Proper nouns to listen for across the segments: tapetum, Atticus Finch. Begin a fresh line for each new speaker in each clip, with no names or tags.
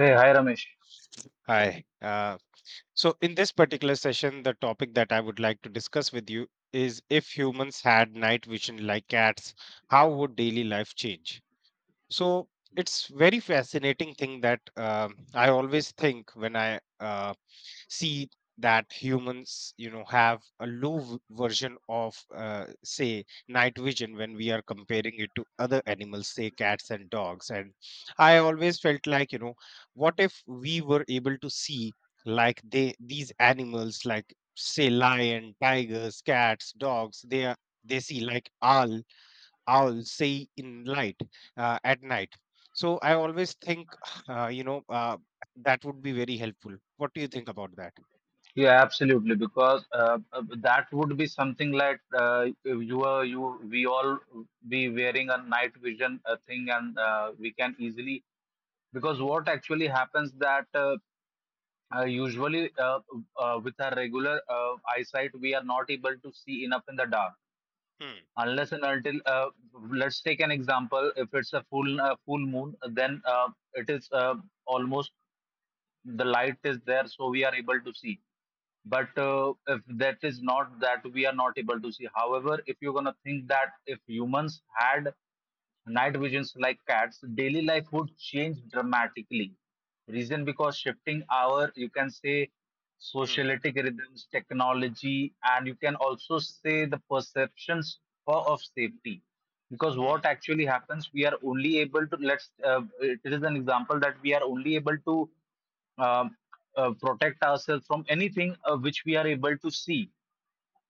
Hey, hi Ramesh.
Hi. So in this particular session, the topic that I would like to discuss with you is if humans had night vision like cats, how would daily life change? So it's very fascinating thing that I always think when I see that humans, you know, have a version of, say, night vision when we are comparing it to other animals, say cats and dogs. And I always felt like, you know, what if we were able to see like they these animals, like say lion, tigers, cats, dogs, they are they see like owl say in light at night. So I always think uh, you know uh, that would be very helpful. What do you think about that?
Yeah, absolutely. Because that would be something like you we all be wearing a night vision thing, and we can easily because what actually happens that usually with our regular eyesight we are not able to see enough in the dark
Hmm.
unless and until let's take an example. If it's a full moon, then it is almost the light is there, so we are able to see but if that is not that we are not able to see. However, if you're going to think that if humans had night visions like cats, daily life would change dramatically. Reason, because shifting our, you can say,
Hmm.
socialitic rhythms, technology, and you can also say the perceptions of safety. Because
Hmm.
what actually happens, we are only able to, let's, it is an example that we are only able to um, protect ourselves from anything which we are able to see,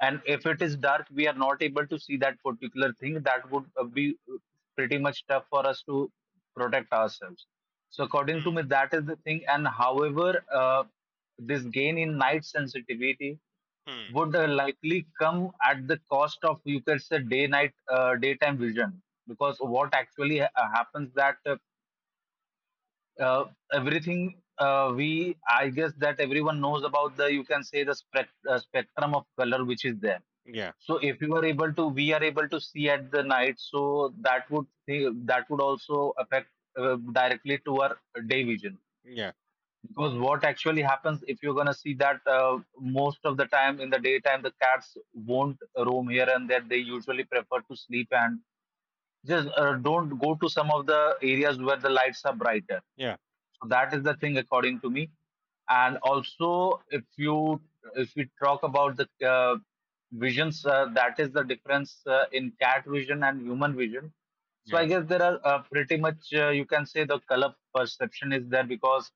and if it is dark we are not able to see that particular thing. That would be pretty much tough for us to protect ourselves. So according to
Hmm.
me that is the thing, and however, this gain in night sensitivity
Hmm.
would likely come at the cost of, you could say, daytime vision, because what actually happens that uh, everything we, I guess that everyone knows about the, you can say, the spectrum of color which is there.
Yeah.
So if you are able to, we are able to see at the night, so that would, that would also affect directly to our day vision.
Yeah.
Because what actually happens, if you're gonna see that most of the time in the daytime the cats won't roam here and there. They usually prefer to sleep and just don't go to some of the areas where the lights are brighter.
Yeah.
So that is the thing according to me. And also, if we talk about the visions, that is the difference in cat vision and human vision. So I
Yeah.
guess there are pretty much, you can say, the color perception is there, because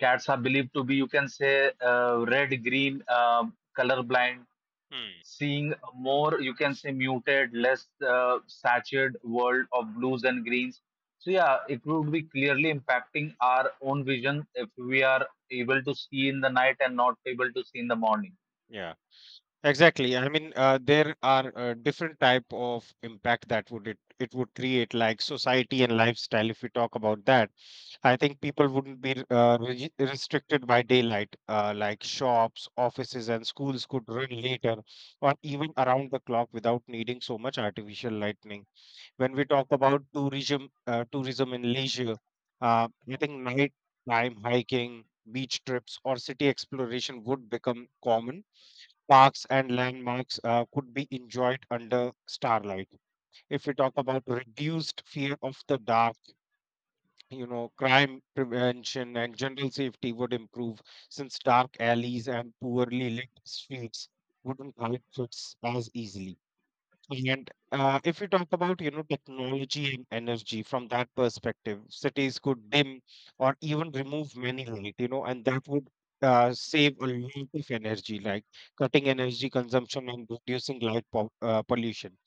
cats are believed to be, you can say, red, green, color blind,
Hmm.
seeing more, you can say, muted, less saturated world of blues and greens. So yeah, it would be clearly impacting our own vision if we are able to see in the night and not able to see in the morning.
Yeah, exactly. I mean, there are different type of impact that would it it would create, like society and lifestyle. If we talk about that, I think people wouldn't be restricted by daylight. Like shops, offices, and schools could run later or even around the clock without needing so much artificial lightning. When we talk about tourism, tourism and leisure, I think night time hiking, beach trips, or city exploration would become common. Parks and landmarks could be enjoyed under starlight. If we talk about reduced fear of the dark, you know, crime prevention and general safety would improve, since dark alleys and poorly lit streets wouldn't hide kids as easily. And if we talk about, you know, technology and energy from that perspective, cities could dim or even remove many light, you know, and that would save a lot of energy, like cutting energy consumption and reducing light po pollution.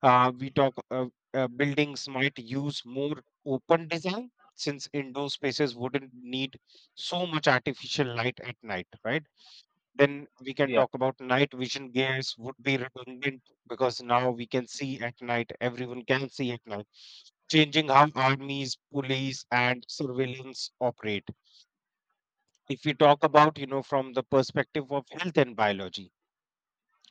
We talk Buildings might use more open design, since indoor spaces wouldn't need so much artificial light at night, right? Then we can
Yeah.
talk about night vision gears would be redundant because now we can see at night, everyone can see at night, changing how armies, police, and surveillance operate. If we talk about, you know, from the perspective of health and biology,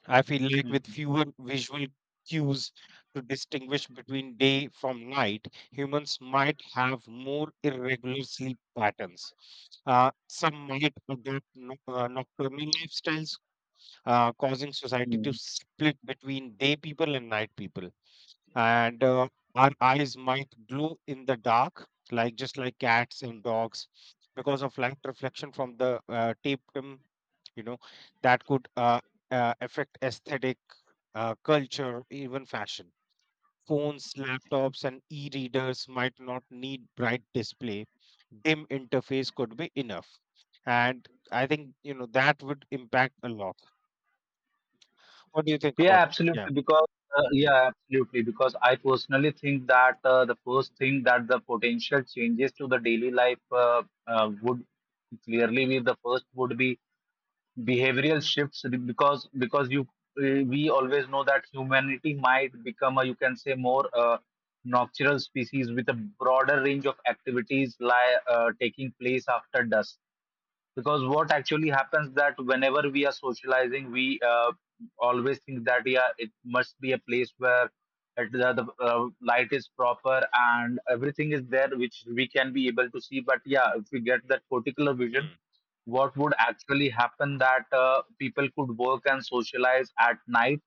I feel like with
Mhm.
fewer visual cues to distinguish between day from night, humans might have more irregular sleep patterns. Some might adopt nocturnal lifestyles, causing society to
Mhm.
split between day people and night people. And our eyes might glow in the dark, like just like cats and dogs, because of light reflection from the tapetum. You know, that could affect aesthetic, culture, even fashion. Phones, laptops, and e-readers might not need bright display. Dim interface could be enough. And I think, you know, that would impact a lot. What do you think
Yeah,
about it? Yeah.
absolutely. Because Yeah, absolutely. Because I personally think that the first thing, that the potential changes to the daily life would clearly be, the first would be behavioral shifts, because you we always know that humanity might become, a you can say, more nocturnal species with a broader range of activities taking place after dusk, because what actually happens that whenever we are socializing we always think that yeah, it must be a place where it, the light is proper and everything is there which we can be able to see. But yeah, if we get that particular vision,
Hmm.
what would actually happen that people could work and socialize at night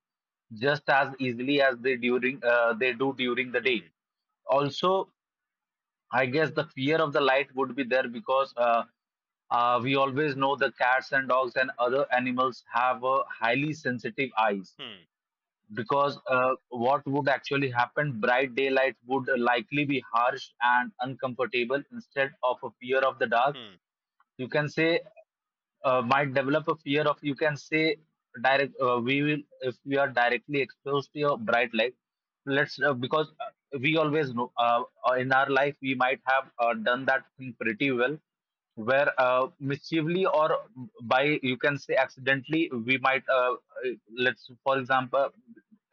just as easily as they during they do during the day.
Hmm.
Also I guess the fear of the light would be there, because we always know the cats and dogs and other animals have a highly sensitive eyes,
Hmm.
because what would actually happen, bright daylight would likely be harsh and uncomfortable instead of a fear of the dark.
Mm.
You can say might develop a fear of, you can say, direct we will, if we are directly exposed to your bright light. Let's, because we always know in our life we might have done that thing pretty well, where mischievely or by, you can say, accidentally we might uh, let's, for example,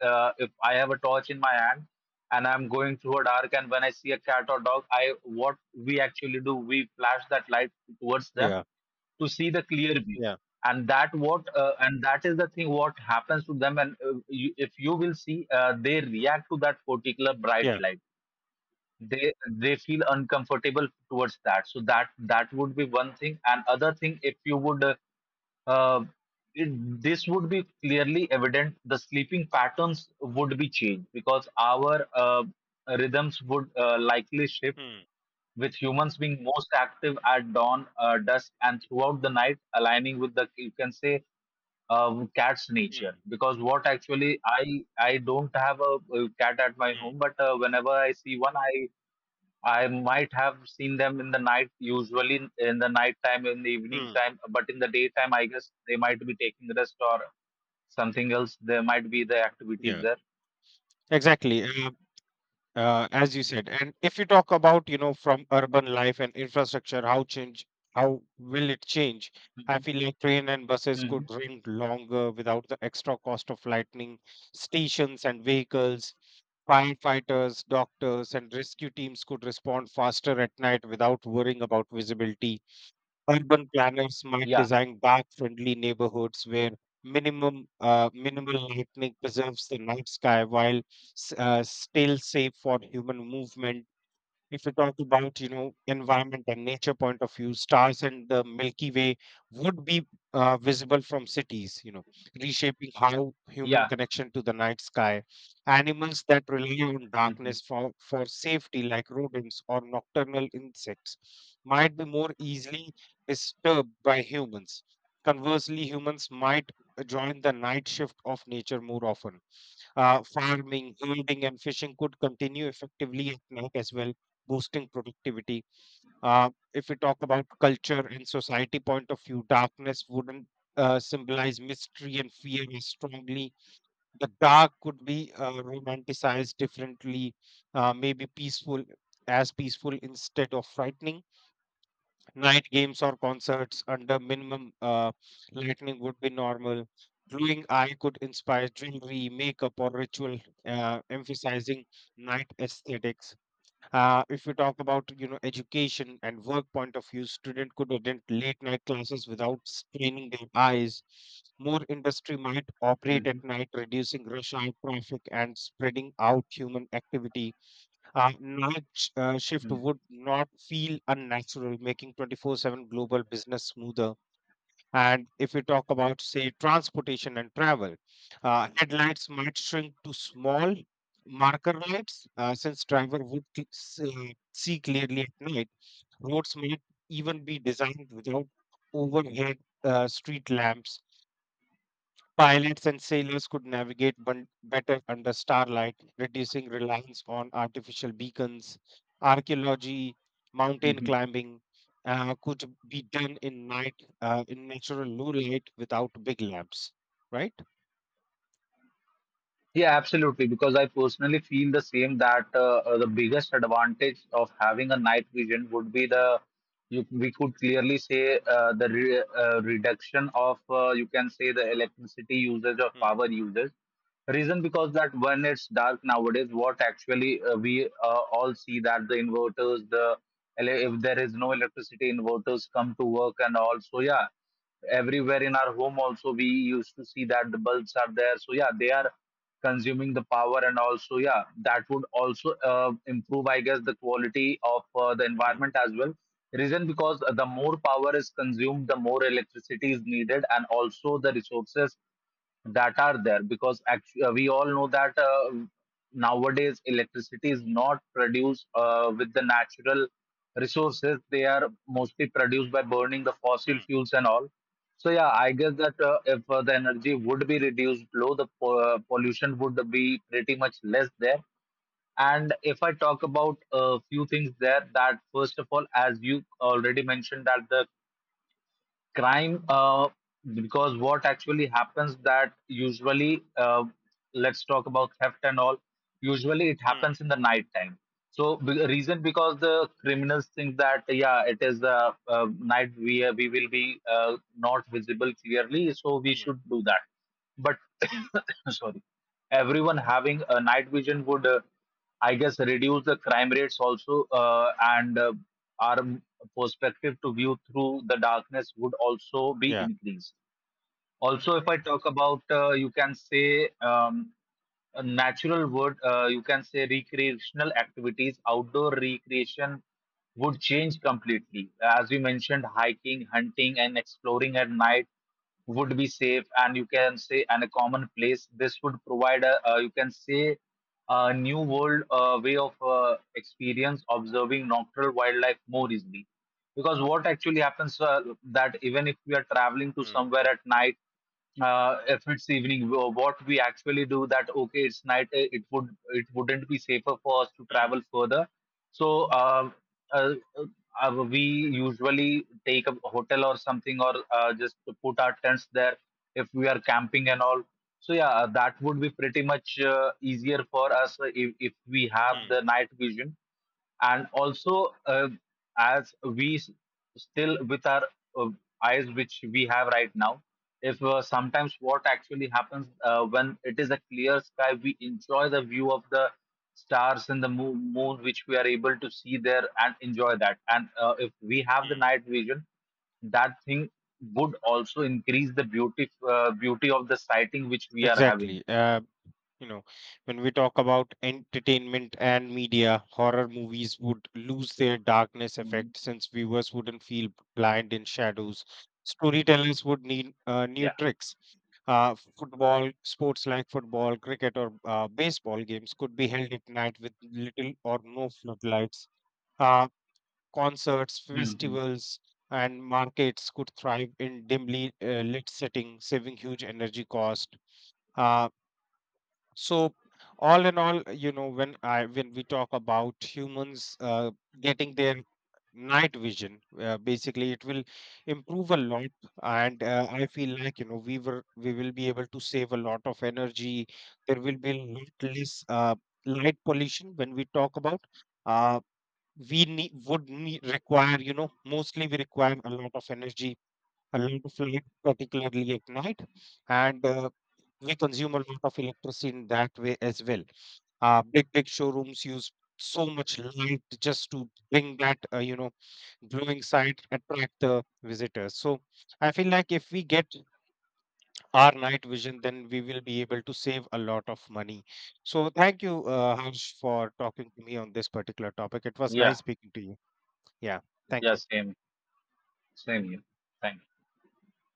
if I have a torch in my hand and I'm going through a dark and when I see a cat or dog, I, what we actually do, we flash that light towards them
Yeah,
to see the clear view.
yeah,
And that is the thing what happens to them, and you, if you will see they react to that particular bright
yeah.
light. They feel uncomfortable towards that, so that, that would be one thing. And other thing, if you would uh, it, this would be clearly evident the sleeping patterns would be changed, because our rhythms would likely shift,
Hmm.
with humans being most active at dawn, dusk, and throughout the night, aligning with the, you can say, cat's nature.
Hmm.
Because what actually, I don't have a, cat at my
Hmm.
home, but whenever I see one, I might have seen them in the night, usually in the night time, in the evening
Mm.
time, but in the daytime, I guess they might be taking rest or something else. There might be the activities
Yeah,
there.
exactly. And, as you said, and if you talk about, you know, from urban life and infrastructure, how change, how will it change? I
Hmm.
feel like train and buses
Hmm.
could run longer without the extra cost of lightning stations and vehicles. Firefighters, doctors, and rescue teams could respond faster at night without worrying about visibility. Urban planners might
Yeah,
design dark friendly neighborhoods where minimum minimal lighting preserves the night sky while still safe for human movement. If you talk about, you know, environment and nature point of view, stars and the Milky Way would be visible from cities, you know, reshaping how human
yeah.
connection to the night sky. Animals that rely on
Hmm.
darkness for safety, like rodents or nocturnal insects, might be more easily disturbed by humans. Conversely, humans might join the night shift of nature more often. Uh, farming, hunting, and fishing could continue effectively at night as well, boosting productivity. If we talk about culture and society point of view, darkness wouldn't symbolize mystery and fear as strongly. The dark could be romanticized differently, maybe peaceful as peaceful instead of frightening. Night games or concerts under minimum lighting would be normal. Glowing eye could inspire jewelry, makeup, or ritual, emphasizing night aesthetics. If we talk about, you know, education and work point of view, student could attend late night classes without straining their eyes. More industry might operate
Hmm.
at night, reducing rush hour traffic and spreading out human activity. Uh, shift would not feel unnatural, making 24/7 global business smoother. And if we talk about, say, transportation and travel, headlights might shrink to small marker lights, since driver would see clearly at night. Roads might even be designed without overhead street lamps. Pilots and sailors could navigate better under starlight, reducing reliance on artificial beacons. Archaeology, mountain
Hmm.
climbing could be done in night, in natural low light without big lamps, right?
Yeah, absolutely. Because I personally feel the same that the biggest advantage of having a night vision would be the, you, we could clearly say the reduction of, you can say, the electricity usage or
Hmm.
power usage. Reason because that when it's dark nowadays, what actually we all see, that the inverters, the if there is no electricity, inverters come to work, and also yeah, everywhere in our home also we used to see that the bulbs are there, so yeah they are consuming the power. And also yeah, that would also improve, I guess, the quality of the
Hmm.
environment as well, reason because the more power is consumed, the more electricity is needed, and also the resources that are there. Because actually we all know that nowadays electricity is not produced with the natural resources. They are mostly produced by burning the fossil
Hmm.
fuels and all. So yeah, I guess that if the energy would be reduced low, the pollution would be pretty much less there. And if I talk about a few things there, that first of all, as you already mentioned, that the crime, because what actually happens that usually, let's talk about theft and all, usually it
Hmm.
happens in the night time. So reason because the criminals think that yeah, it is night, we will be not visible clearly, so we
Hmm.
should do that. But sorry, everyone having a night vision would I guess reduce the crime rates also, and our perspective to view through the darkness would also be
Yeah.
increased. Also, if I talk about, you can say, a natural word, you can say recreational activities, outdoor recreation would change completely. As we mentioned, hiking, hunting, and exploring at night would be safe, and you can say, and a common place. This would provide a you can say, a new world way of experience, observing nocturnal wildlife more easily. Because what actually happens that even if we are traveling to
Hmm.
somewhere at night, if it's evening, what we actually do that, okay, it's night, eh, it would, it wouldn't be safer for us to
Hmm.
travel further. So uh, we usually take a hotel or something, or just to put our tents there if we are camping and all. So yeah, that would be pretty much easier for us if we have
Hmm.
the night vision. And also as we still with our uh, eyes which we have right now, if sometimes what actually happens when it is a clear sky, we enjoy the view of the stars and the moon which we are able to see there and enjoy that. And if we have the
Hmm.
night vision, that thing would also increase the beauty of the sighting which we are having.
Exactly. You know, when we talk about entertainment and media, horror movies would lose their darkness
Mhm.
effect, since viewers wouldn't feel blind in shadows. Storytellers would need new
Yeah.
tricks. Uh, football, sports like football, cricket, or baseball games could be held at night with little or no floodlights. Uh, concerts,
Hmm.
festivals, and markets could thrive in dimly lit setting, saving huge energy cost Uh, so, all in all, you know, when I when we talk about humans getting their night vision, basically it will improve a lot, and I feel like, you know, we will be able to save a lot of energy. There will be a lot less light pollution when we talk about. Uh, we need would need, require, you know, mostly we require a lot of energy, a lot of light, particularly at night, and we consume a lot of electricity in that way as well. Big big showrooms use so much light just to bring that you know, glowing side, attract the visitors. So I feel like if we get our night vision, then we will be able to save a lot of money. So thank you, Harsh, for talking to me on this particular topic. It was
Yeah,
nice speaking to you. Yeah, thank
yeah,
you.
same, same here, thank you.